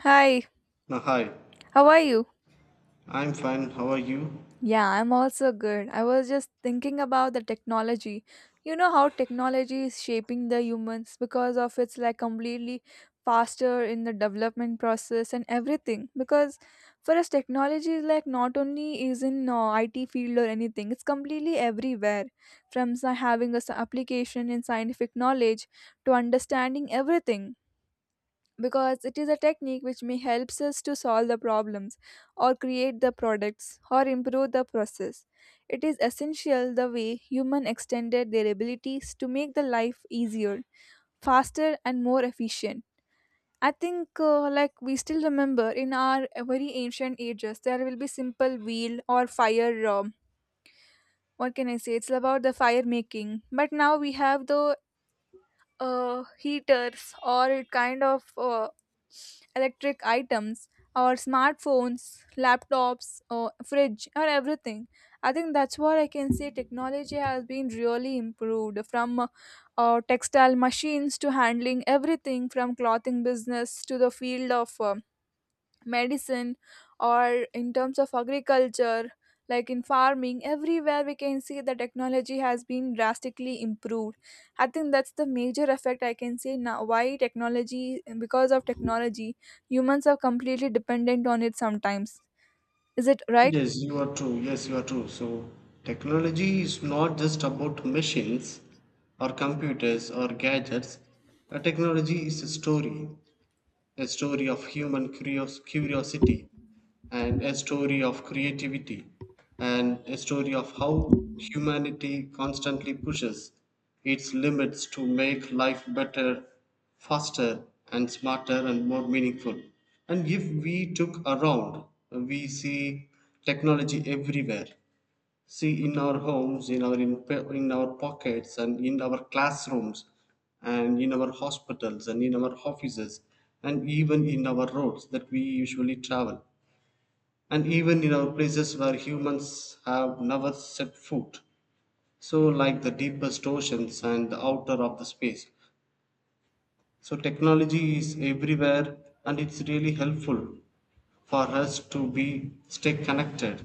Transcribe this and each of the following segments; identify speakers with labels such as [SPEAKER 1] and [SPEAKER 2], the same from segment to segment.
[SPEAKER 1] Hi,
[SPEAKER 2] Hi,
[SPEAKER 1] how are you?
[SPEAKER 2] I'm fine. How are you?
[SPEAKER 1] Yeah, I'm also good. I was just thinking about the technology. You know how technology is shaping the humans because of its like completely faster in the development process and everything. Because for us, technology is like not only is in IT field or anything; it's completely everywhere. From having a application in scientific knowledge to understanding everything. Because it is a technique which may helps us to solve the problems, or create the products, or improve the process. It is essential the way human extended their abilities to make the life easier, faster and more efficient. I think like we still remember in our very ancient ages there will be simple wheel or fire. What can I say, it's about the fire making, but now we have the heaters or it kind of electric items, or smartphones, laptops or fridge or everything. I think that's what I can say, technology has been really improved from textile machines to handling everything, from clothing business to the field of medicine, or in terms of agriculture, like in farming. Everywhere we can see the technology has been drastically improved. I think that's the major effect I can say now. Why technology? Because of technology humans are completely dependent on it sometimes. Is it right?
[SPEAKER 2] Yes, you are true. Yes, you are true. So, technology is not just about machines or computers or gadgets. A technology is a story, a story of human curiosity and a story of creativity and a story of how humanity constantly pushes its limits to make life better, faster, and smarter and more meaningful. And if we took around, we see technology everywhere, see in our homes, in our pockets and in our classrooms and in our hospitals and in our offices and even in our roads that we usually travel and even in our places where humans have never set foot, so like the deepest oceans and the outer of the space. So technology is everywhere and it's really helpful for us to be stay connected.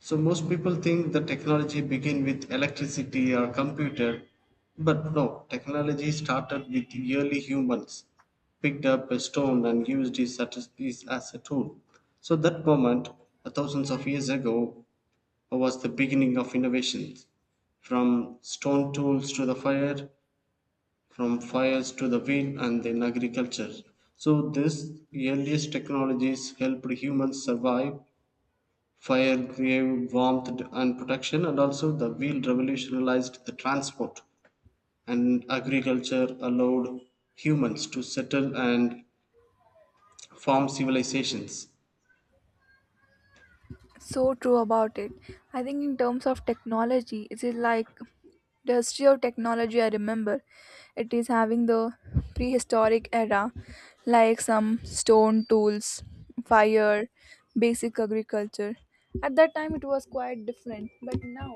[SPEAKER 2] So most people think the technology began with electricity or computer, but no, technology started with the early humans, picked up a stone and used it as a tool. So that moment, thousands of years ago, was the beginning of innovations. From stone tools to the fire, from fires to the wheel and then agriculture. So these earliest technologies helped humans survive. Fire gave warmth and protection, and also the wheel revolutionized the transport, and agriculture allowed humans to settle and form civilizations.
[SPEAKER 1] So true about it. I think in terms of technology, it is like the history of technology, I remember it is having the prehistoric era, like some stone tools, fire, basic agriculture. At that time, it was quite different, but now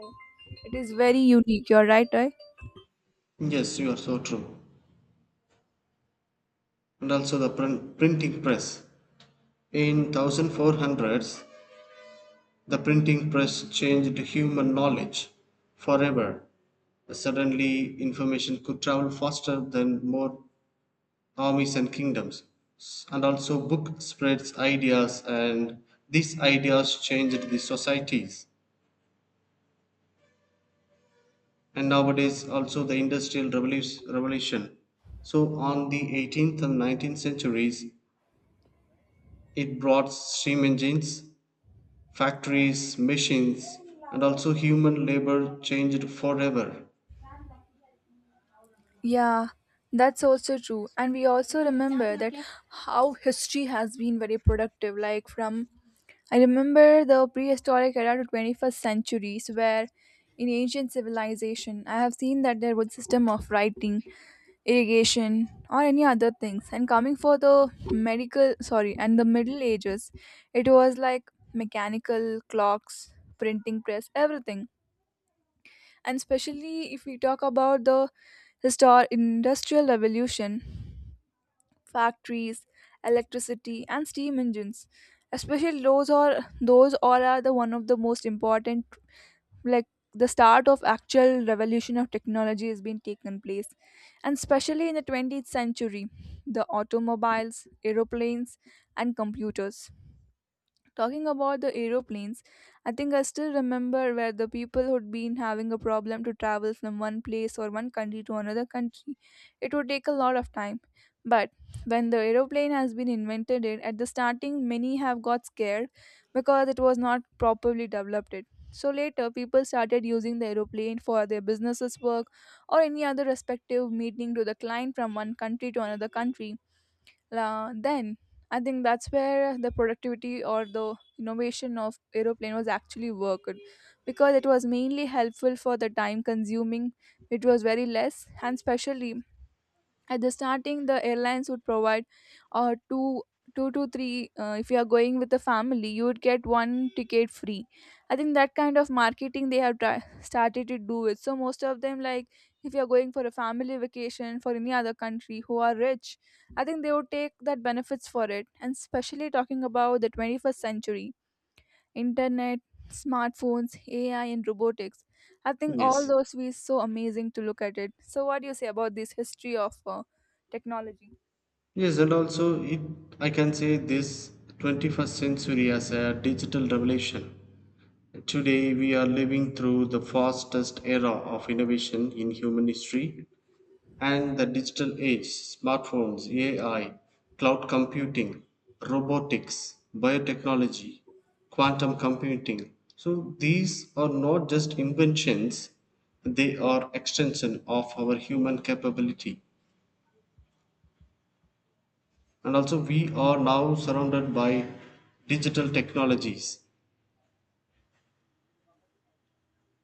[SPEAKER 1] it is very unique. You're right, right?
[SPEAKER 2] Yes, you are so true. And also the printing press. In 1400s, the printing press changed human knowledge forever. Suddenly, information could travel faster than more armies and kingdoms, and also book spreads ideas and these ideas changed the societies. And nowadays also the industrial revolution, so on the 18th and 19th centuries it brought steam engines, factories, machines, and also human labor changed forever.
[SPEAKER 1] Yeah, that's also true. And we also remember that how history has been very productive. Like from, I remember, the prehistoric era to 21st centuries, where in ancient civilization, I have seen that there was system of writing, irrigation or any other things, and coming for the medical, sorry, and the middle ages, it was like mechanical clocks, printing press, everything. And especially if we talk about the industrial revolution, factories, electricity and steam engines, especially those are, those all are the one of the most important, like the start of actual revolution of technology has been taken place. And especially in the 20th century, the automobiles, aeroplanes and computers. Talking about the aeroplanes, I think I still remember where the people who'd been having a problem to travel from one place or one country to another country. It would take a lot of time. But when the aeroplane has been invented, it, at the starting, many have got scared because it was not properly developed. It. So later, people started using the aeroplane for their businesses work, or any other respective meeting to the client from one country to another country. La then, I think that's where the productivity or the innovation of aeroplane was actually worked, because it was mainly helpful for the time consuming. It was very less. And special at the starting, the airlines would provide uh, two two to three, if you are going with a family you would get one ticket free. I think that kind of marketing they have started to do it. So most of them, like, if you are going for a family vacation for any other country who are rich, I think they would take that benefits for it. And especially talking about the 21st century, internet, smartphones, AI, and robotics. I think all
[SPEAKER 2] Yes.
[SPEAKER 1] those is so amazing to look at it. So, what do you say about this history of technology?
[SPEAKER 2] Yes, and also it, I can say this 21st century as a digital revolution. Today, we are living through the fastest era of innovation in human history, and the digital age, smartphones, AI, cloud computing, robotics, biotechnology, quantum computing. So, these are not just inventions, they are extension of our human capability. And also, we are now surrounded by digital technologies.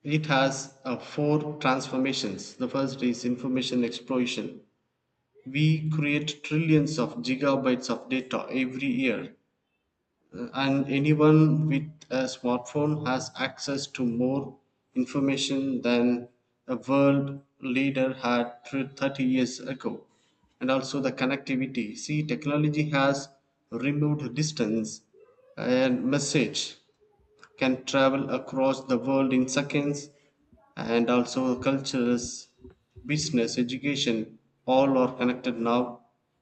[SPEAKER 2] It has four transformations. The first is information explosion. We create trillions of gigabytes of data every year, and anyone with a smartphone has access to more information than a world leader had 30 years ago. And also the connectivity. See, technology has removed distance and message can travel across the world in seconds, and also cultures, business, education, all are connected now.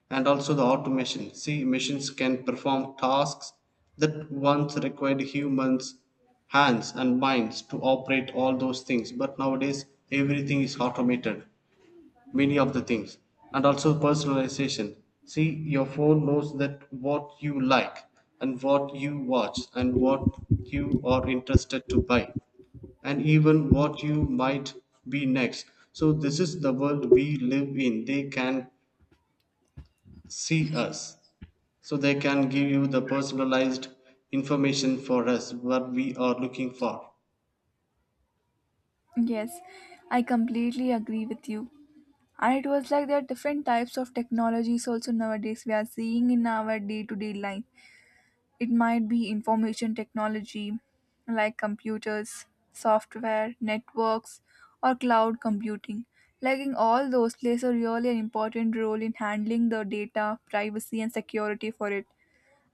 [SPEAKER 2] And also the automation, see machines can perform tasks that once required humans hands and minds to operate all those things, but nowadays everything is automated, many of the things. And also personalization, see, your phone knows that what you like and what you watch and what you are interested to buy and even what you might be next. So this is the world we live in, they can see us, so they can give you the personalized information for us what we are looking for.
[SPEAKER 1] Yes, I completely agree with you. And it was like there are different types of technologies also nowadays we are seeing in our day to day life. It might be information technology like computers, software, networks, or cloud computing. Like in all those plays a really an important role in handling the data, privacy and security for it.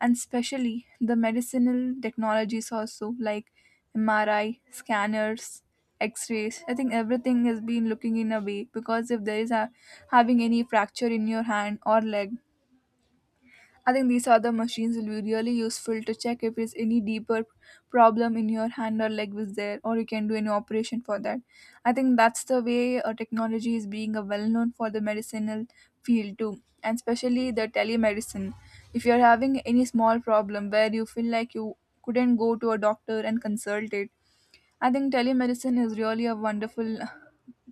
[SPEAKER 1] And especially the medicinal technologies also like MRI, scanners, x-rays. I think everything has been looking in a way, because if there is a having any fracture in your hand or leg, I think these other machines will be really useful to check if there's any deeper problem in your hand or leg was there, or you can do any operation for that. I think that's the way technology is being a well known for the medicinal field too, and especially the telemedicine. If you're having any small problem where you feel like you couldn't go to a doctor and consult it, I think telemedicine is really a wonderful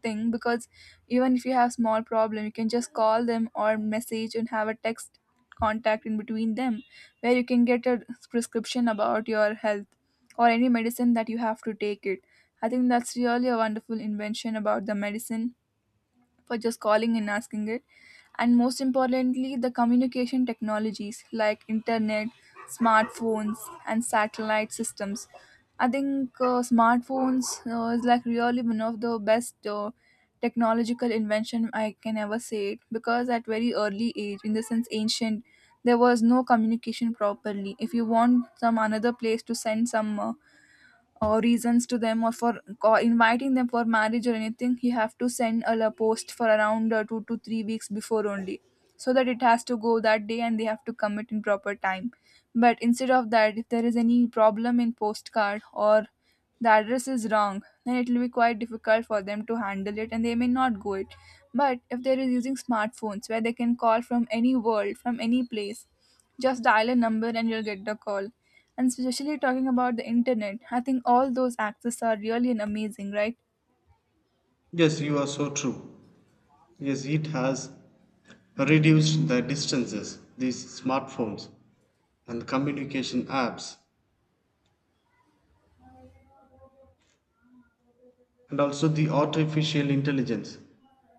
[SPEAKER 1] thing, because even if you have small problem you can just call them or message and have a text contact in between them, where you can get a prescription about your health or any medicine that you have to take it. I think that's really a wonderful invention about the medicine, for just calling and asking it. And most importantly, the communication technologies like internet, smartphones, and satellite systems. I think smartphones is like really one of the best technological invention I can ever say it, because at very early age, in the sense ancient, there was no communication properly. If you want some another place to send some reasons to them, or for inviting them for marriage or anything, he have to send a post for around 2 to 3 weeks before only, so that it has to go that day and they have to commit in proper time. But instead of that, if there is any problem in postcard or the address is wrong, then it will be quite difficult for them to handle it and they may not go it. But if they are using smartphones, where they can call from any world from any place, just dial a number and you'll get the call. And especially talking about the internet, I think all those access are really an amazing, right?
[SPEAKER 2] Yes, you are so true. Yes, it has reduced the distances, these smartphones and communication apps. And also the artificial intelligence,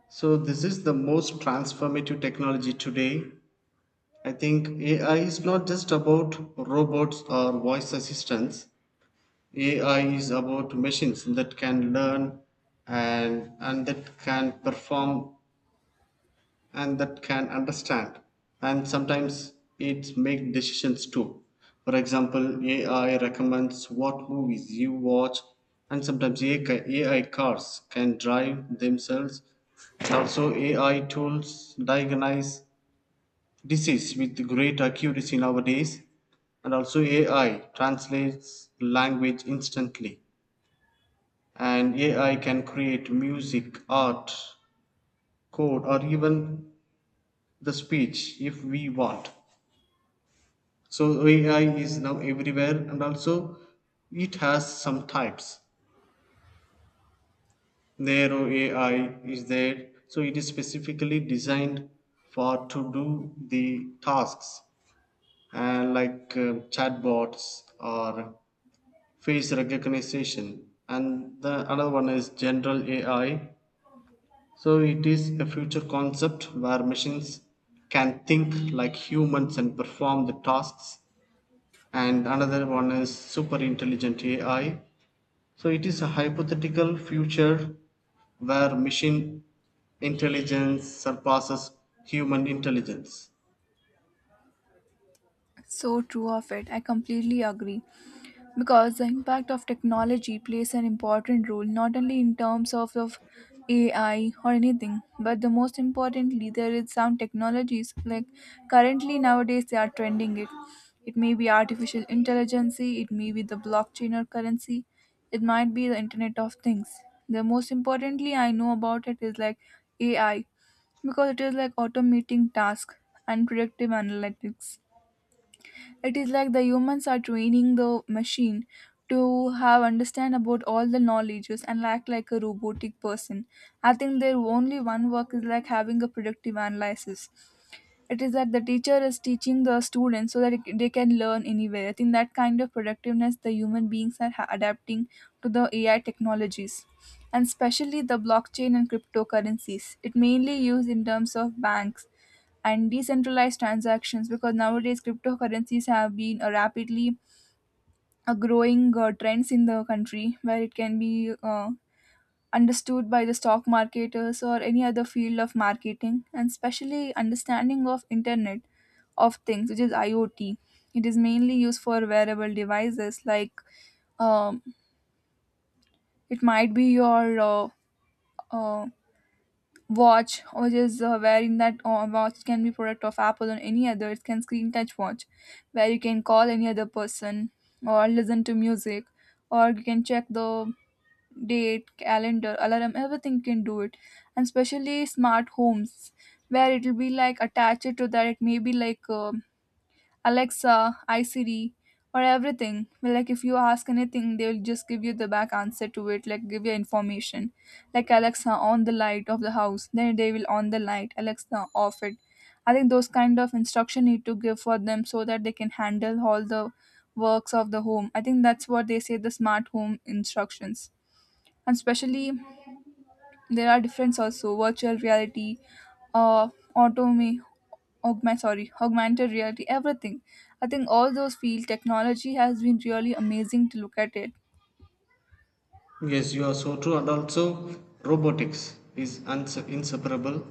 [SPEAKER 2] so this is the most transformative technology today. I think AI is not just about robots or voice assistants. AI is about machines that can learn, and that can perform, and that can understand, and sometimes it make decisions too. For example, AI recommends what movies you watch, and sometimes AI cars can drive themselves, also AI tools diagnose disease with great accuracy nowadays, and also AI translates language instantly, and AI can create music, art, code, or even the speech if we want. So AI is now everywhere and also it has some types. Narrow AI is there. So it is specifically designed for to do the tasks, and like chatbots or face recognition. And the another one is general AI. So it is a future concept where machines can think like humans and perform the tasks. And another one is super intelligent AI. So it is a hypothetical future where machine intelligence surpasses human intelligence.
[SPEAKER 1] So true of it. I completely agree. Because the impact of technology plays an important role not only in terms of AI or anything, but the most importantly there is some technologies like currently nowadays they are trending it. It may be artificial intelligence, it may be the blockchain or currency, it might be the internet of things. The most importantly I know about it is like AI, because it is like automating task and predictive analytics. It is like the humans are training the machine to have understand about all the knowledges and act like a robotic person. I think their only one work is like having a productive analysis. It is like the teacher is teaching the students so that they can learn anywhere. I think that kind of productiveness the human beings are adapting to the AI technologies. And especially the blockchain and cryptocurrencies. It mainly used in terms of banks and decentralized transactions, because nowadays cryptocurrencies have been a rapidly a growing trends in the country, where it can be understood by the stock marketers or any other field of marketing. And especially understanding of internet of things, which is iot, it is mainly used for wearable devices like um, it might be your uh, watch, which is wherein that watch can be product of apple or any other, it can screen touch watch where you can call any other person, or listen to music, or you can check the date, calendar, alarm, everything you can do it. And especially smart homes, where it will be like attached to that, it may be like Alexa, I Siri, or everything. Well, like if you ask anything, they will just give you the back answer to it, like give you information. Like Alexa, on the light of the house, then they will on the light, Alexa, off it. I think those kind of instruction need to give for them so that they can handle all the works of the home. I think that's what they say the smart home instructions. And especially there are different also virtual reality, uh, autome, augmented reality, everything. I think all those field technology has been really amazing to look at it.
[SPEAKER 2] Yes, you are so true. And also, robotics is inseparable.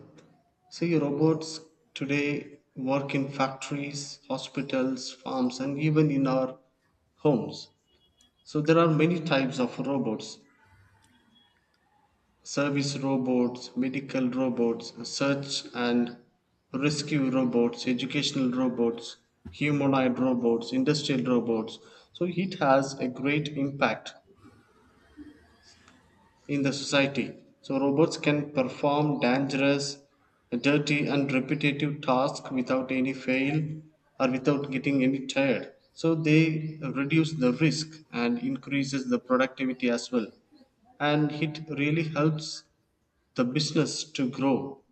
[SPEAKER 2] See, robots today work in factories, hospitals, farms, and even in our homes. So, there are many types of robots: service robots, medical robots, search and rescue robots, educational robots, humanoid robots, industrial robots. So it has a great impact in the society. So robots can perform dangerous, dirty and repetitive tasks without any fail or without getting any tired. So they reduce the risk and increases the productivity as well, and it really helps the business to grow.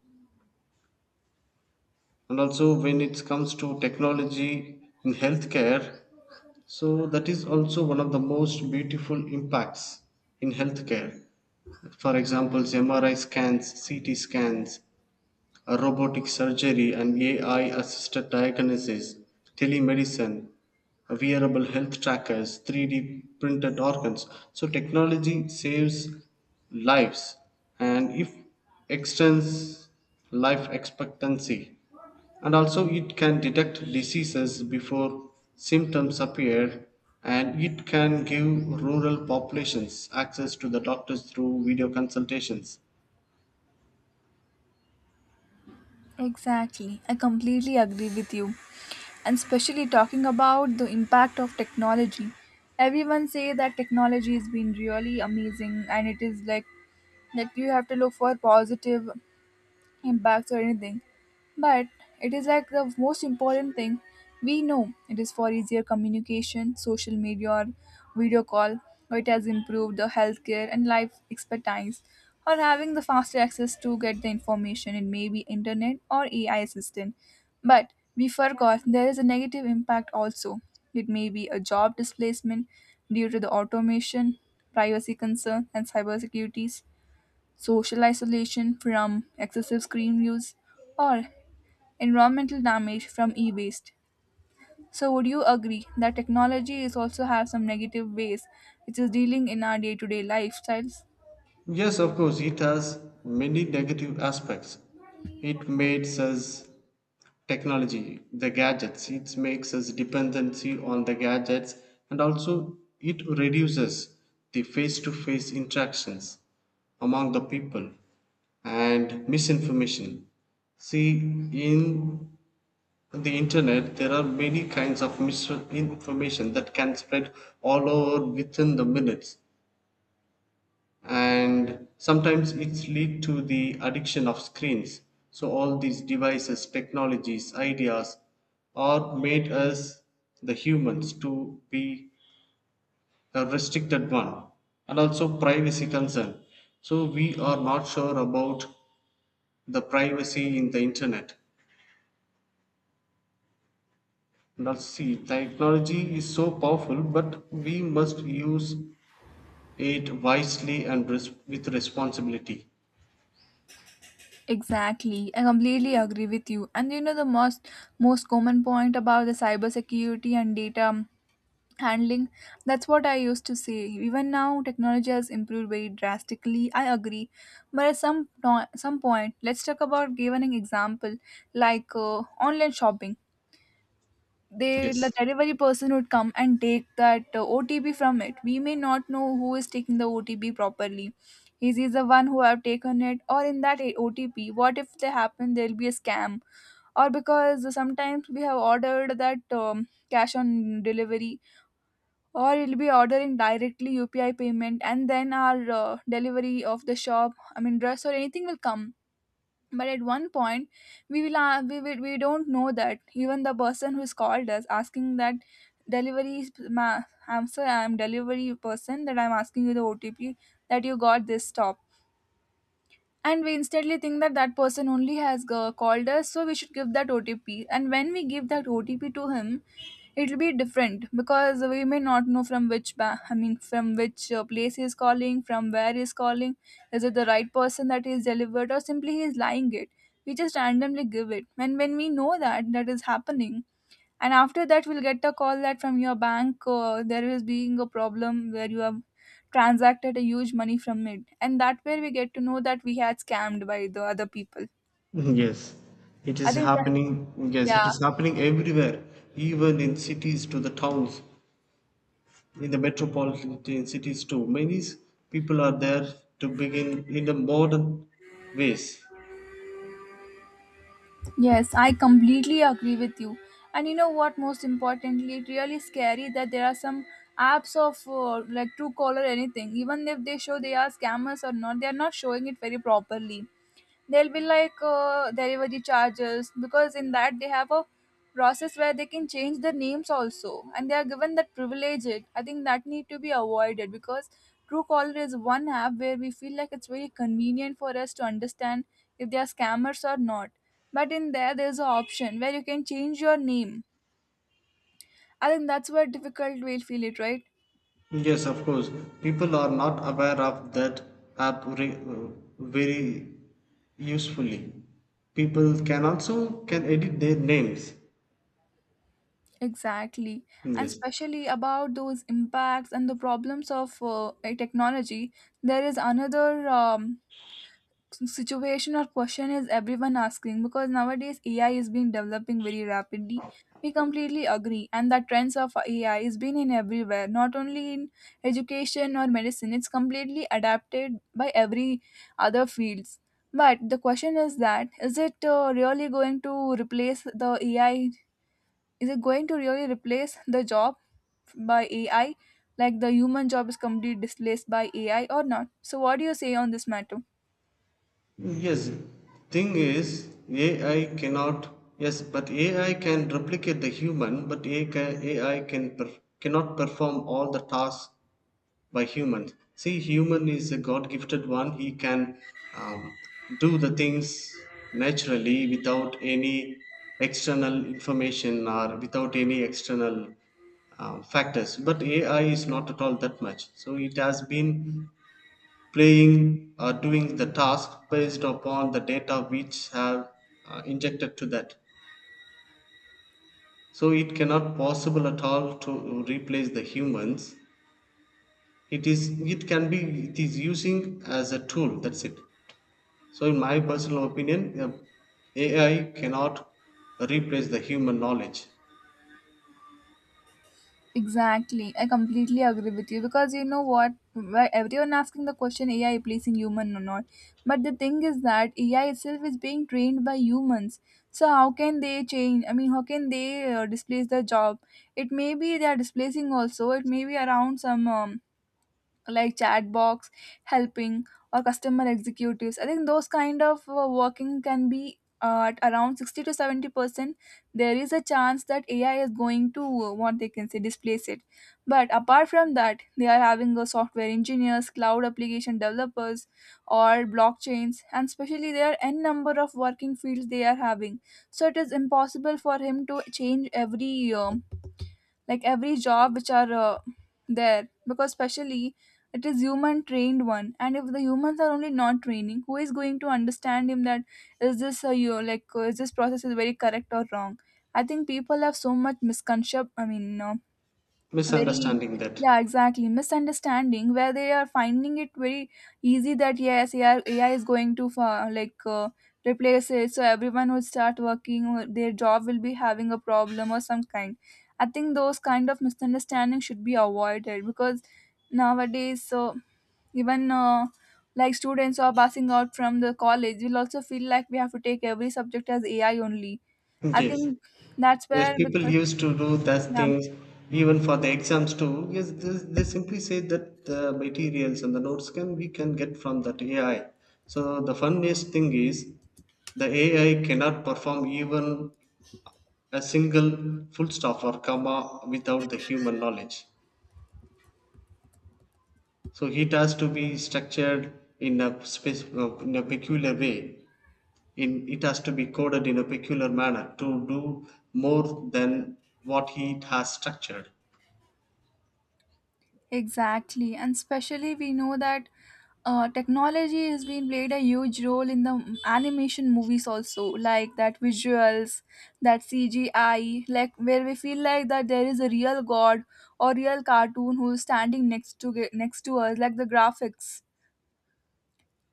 [SPEAKER 2] And also, when it comes to technology in healthcare, so that is also one of the most beautiful impacts in healthcare. For example, mri scans, ct scans, robotic surgery, and AI assisted diagnosis, telemedicine, wearable health trackers, 3D printed organs. So, technology saves lives and if extends life expectancy. And also, it can detect diseases before symptoms appear, and it can give rural populations access to the doctors through video consultations.
[SPEAKER 1] Exactly, I completely agree with you. And especially talking about the impact of technology. Everyone say that technology has been really amazing and it is like that you have to look for positive impacts or anything, but it is like the most important thing we know it is for easier communication, social media, or video call, or it has improved the healthcare and life expertise, or having the faster access to get the information in maybe internet or AI assistant. But we forgot there is a negative impact also. It may be a job displacement due to the automation, privacy concern, and cybersecurity, social isolation from excessive screen use, or environmental damage from e-waste. So would you agree that technology is also have some negative ways which is dealing in our day-to-day lifestyles?
[SPEAKER 2] Yes, of course, it has many negative aspects. It makes us, technology, the gadgets, it makes us dependency on the gadgets, and also it reduces the face to face interactions among the people, and misinformation. See, in the internet, there are many kinds of misinformation that can spread all over within the minutes, and sometimes it's lead to the addiction of screens. So all these devices, technologies, ideas are made us the humans to be a restricted one. And also privacy concern, so we are not sure about the privacy in the internet. Let's see, technology is so powerful, but we must use it wisely and with responsibility.
[SPEAKER 1] Exactly, I completely agree with you. And you know the most common point about the cybersecurity and data handling, that's what I used to say. Even now technology has improved very drastically, I agree, but at some no- some point let's talk about giving an example, like online shopping. The
[SPEAKER 2] Yes.
[SPEAKER 1] delivery person would come and take that otp from it. We may not know who is taking the otp properly. Is he the one who have taken it, or in that otp, what if they happen there'll be a scam? Or because sometimes we have ordered that cash on delivery, or it'll be ordering directly UPI payment, and then our delivery of the shop, I mean dress or anything will come. But at one point, we don't know that even the person who's called us asking that I'm sorry, I'm delivery person that I'm asking you the OTP that you got this stop. And we instantly think that that person only has called us, so we should give that OTP. And when we give that OTP to him, it'll be different because we may not know from which ba- I mean from which place he's calling, from where he's calling. Is it the right person that he's delivered, or simply he's lying it? We just randomly give it, and when we know that that is happening, and after that we'll get a call that from your bank there is being a problem where you have transacted a huge money from it, and that way we get to know that we had scammed by the other people.
[SPEAKER 2] Yes, it
[SPEAKER 1] I
[SPEAKER 2] is
[SPEAKER 1] think that
[SPEAKER 2] happening. Yes, it
[SPEAKER 1] yeah
[SPEAKER 2] is happening everywhere, even in cities to the towns, in the metropolitan cities too. Many people are there to begin in the modern ways.
[SPEAKER 1] Yes, I completely agree with you. And you know what? Most importantly, it really scary that there are some apps of like Truecaller or anything. Even if they show they are scammers or not, they are not showing it very properly. They'll be like delivery charges, because in that they have a process where they can change their names also, and they are given that privilege. It, I think that need to be avoided because Truecaller is one app where we feel like it's very convenient for us to understand if they are scammers or not, but in there there's an option where you can change your name. I think that's where difficult we'll feel it, right?
[SPEAKER 2] Yes, of course, people are not aware of that app very usefully. People can also can edit their names.
[SPEAKER 1] Exactly. And
[SPEAKER 2] Yes.
[SPEAKER 1] especially about those impacts and the problems of a technology, there is another um, situation or question is everyone asking, because nowadays AI is being developing very rapidly. We completely agree, and the trends of AI is been in everywhere, not only in education or medicine. It's completely adapted by every other fields. But the question is that is it really going to replace the AI? Is it going to really replace the job by AI? Like the human job is completely displaced by AI or not? So, what do you say on this matter?
[SPEAKER 2] Yes, thing is, AI cannot. Yes, but AI can, replicate the human, but cannot perform all the tasks by human. See, human is a God-gifted one. He can um, do the things naturally without any external information or without any external factors. But AI is not at all that much. So it has been playing or doing the task based upon the data which have injected to that. So it cannot possible at all to replace the humans, it is, it can be, it is using as a tool, that's it. So in my personal opinion, AI cannot replace the human knowledge.
[SPEAKER 1] Exactly. I completely agree with you, because you know what? Why everyone asking the question AI replacing human or not? But the thing is that AI itself is being trained by humans. So how can they change? I mean, how can they displace the job? It may be they are displacing also. It may be around some like chat box helping or customer executives. I think those kind of working can be at around 60 to 70% there is a chance that ai is going to what they can say displace it. But apart from that, they are having a software engineers, cloud application developers or blockchains, and especially there are n number of working fields they are having. So it is impossible for him to change every like every job which are there, because specially it is human trained one, and if the humans are only not training, who is going to understand him that is this you like is this process is very correct or wrong? I think people have so much misconception, I mean very,
[SPEAKER 2] Misunderstanding that,
[SPEAKER 1] yeah, exactly misunderstanding where they are finding it very easy that yes AI is going to replace it, so everyone would start working or their job will be having a problem or some kind. I think those kind of misunderstanding should be avoided because nowadays so even like students who are passing out from the college will also feel like we have to take every subject as AI only. I
[SPEAKER 2] yes.
[SPEAKER 1] think that's
[SPEAKER 2] Yes,
[SPEAKER 1] where
[SPEAKER 2] people
[SPEAKER 1] because
[SPEAKER 2] used to do that
[SPEAKER 1] yeah.
[SPEAKER 2] things even for the exams too. Yes, they simply say that the materials and the notes can we can get from that AI. So the funniest thing is the AI cannot perform even a single full stop or comma without the human knowledge. So it has to be structured in a space, in a peculiar way. In it has to be coded in a peculiar manner to do more than what he has structured.
[SPEAKER 1] Exactly, and especially we know that technology has been played a huge role in the animation movies also, like that visuals, that CGI, like where we feel like that there is a real god or real cartoon who is standing next to us, like the graphics.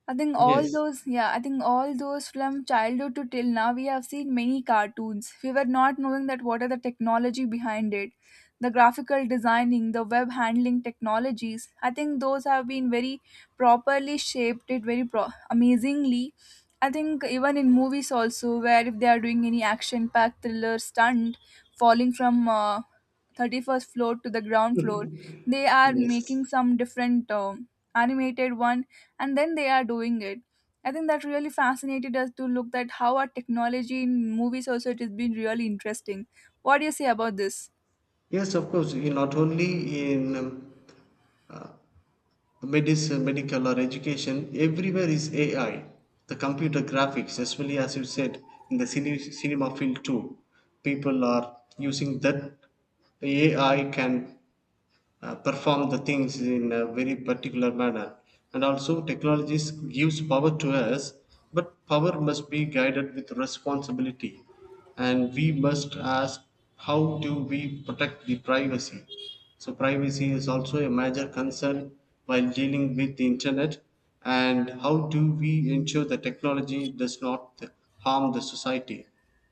[SPEAKER 1] I think all
[SPEAKER 2] Yes,
[SPEAKER 1] those, yeah, I think all those from childhood to till now, we have seen many cartoons. We were not knowing that what are the technology behind it, the graphical designing, the web handling technologies. I think those have been very properly shaped it very amazingly. I think even in movies also, where if they are doing any action-packed thriller stunt, falling from 31st floor to the ground floor, they are
[SPEAKER 2] yes,
[SPEAKER 1] making some different animated one, and then they are doing it. I think that really fascinated us to look at how our technology in movies also it has been really interesting. What do you say about this?
[SPEAKER 2] yes. Of course, you not only in medicine, medical or education, everywhere is AI. The computer graphics, as well as you said, in the cinema field too, people are using that. AI can perform the things in a very particular manner. And also technologies gives power to us, but power must be guided with responsibility. And we must ask, how do we protect the privacy? So privacy is also a major concern while dealing with the internet. And how do we ensure the technology does not harm the society?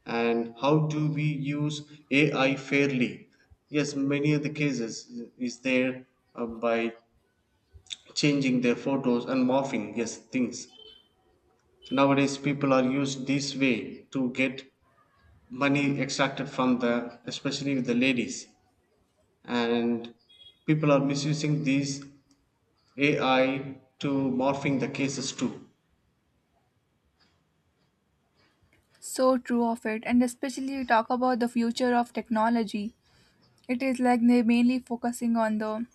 [SPEAKER 2] And how do we use AI fairly? Yes, many of the cases is there, by changing their photos and morphing, yes, things. Nowadays, people are used this way to get money extracted from the, especially with the ladies, and people are misusing these AI to morphing the cases too.
[SPEAKER 1] So true of it. And especially we talk about the future of technology, it is like they're mainly focusing on the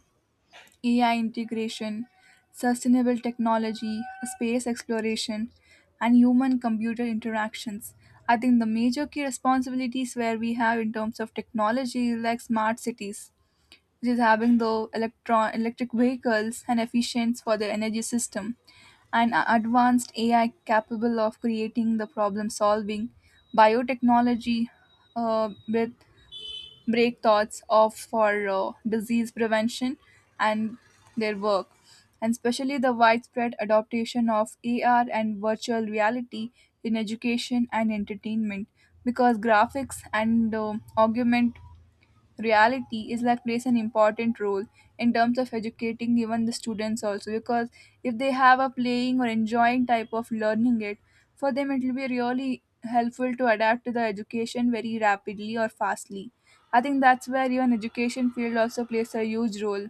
[SPEAKER 1] ai integration, sustainable technology, space exploration and human computer interactions. I think the major key responsibilities where we have in terms of technology is like smart cities, which is having the electron electric vehicles and efficient for the energy system, and advanced ai capable of creating the problem solving, biotechnology with breakthroughs of for disease prevention, and their work, and especially the widespread adoption of ar and virtual reality in education and entertainment, because graphics and augmented reality is like plays an important role in terms of educating even the students also. Because if they have a playing or enjoying type of learning it, for them it will be really helpful to adapt to the education very rapidly or fastly. I think that's where even education field also plays a huge role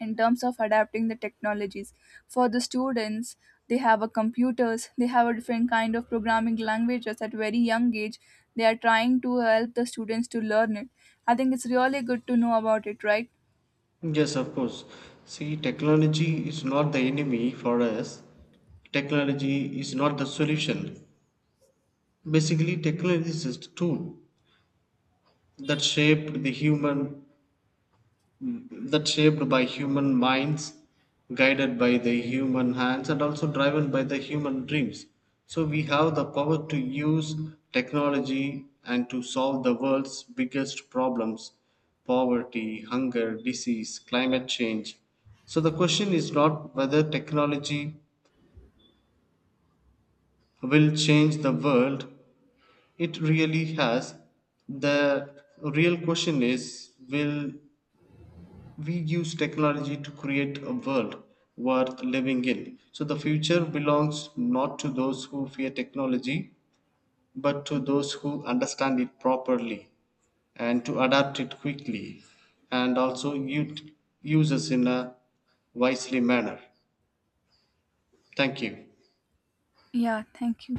[SPEAKER 1] in terms of adapting the technologies for the students. They have a computers, they have a different kind of programming languages at very young age, they are trying to help the students to learn it. I think it's really good to know about it, right?
[SPEAKER 2] Yes, of course. See, technology is not the enemy for us. Technology is not the solution. Basically, technology is just a tool that shaped the human, that shaped by human minds, guided by the human hands, and also driven by the human dreams. So we have the power to use technology and to solve the world's biggest problems: poverty, hunger, disease, climate change. So the question is not whether technology will change the world, it really has. The real question is, will we use technology to create a world worth living in? So the future belongs not to those who fear technology, but to those who understand it properly and to adapt it quickly and also use it in a wisely manner. Thank you.
[SPEAKER 1] Yeah, thank you.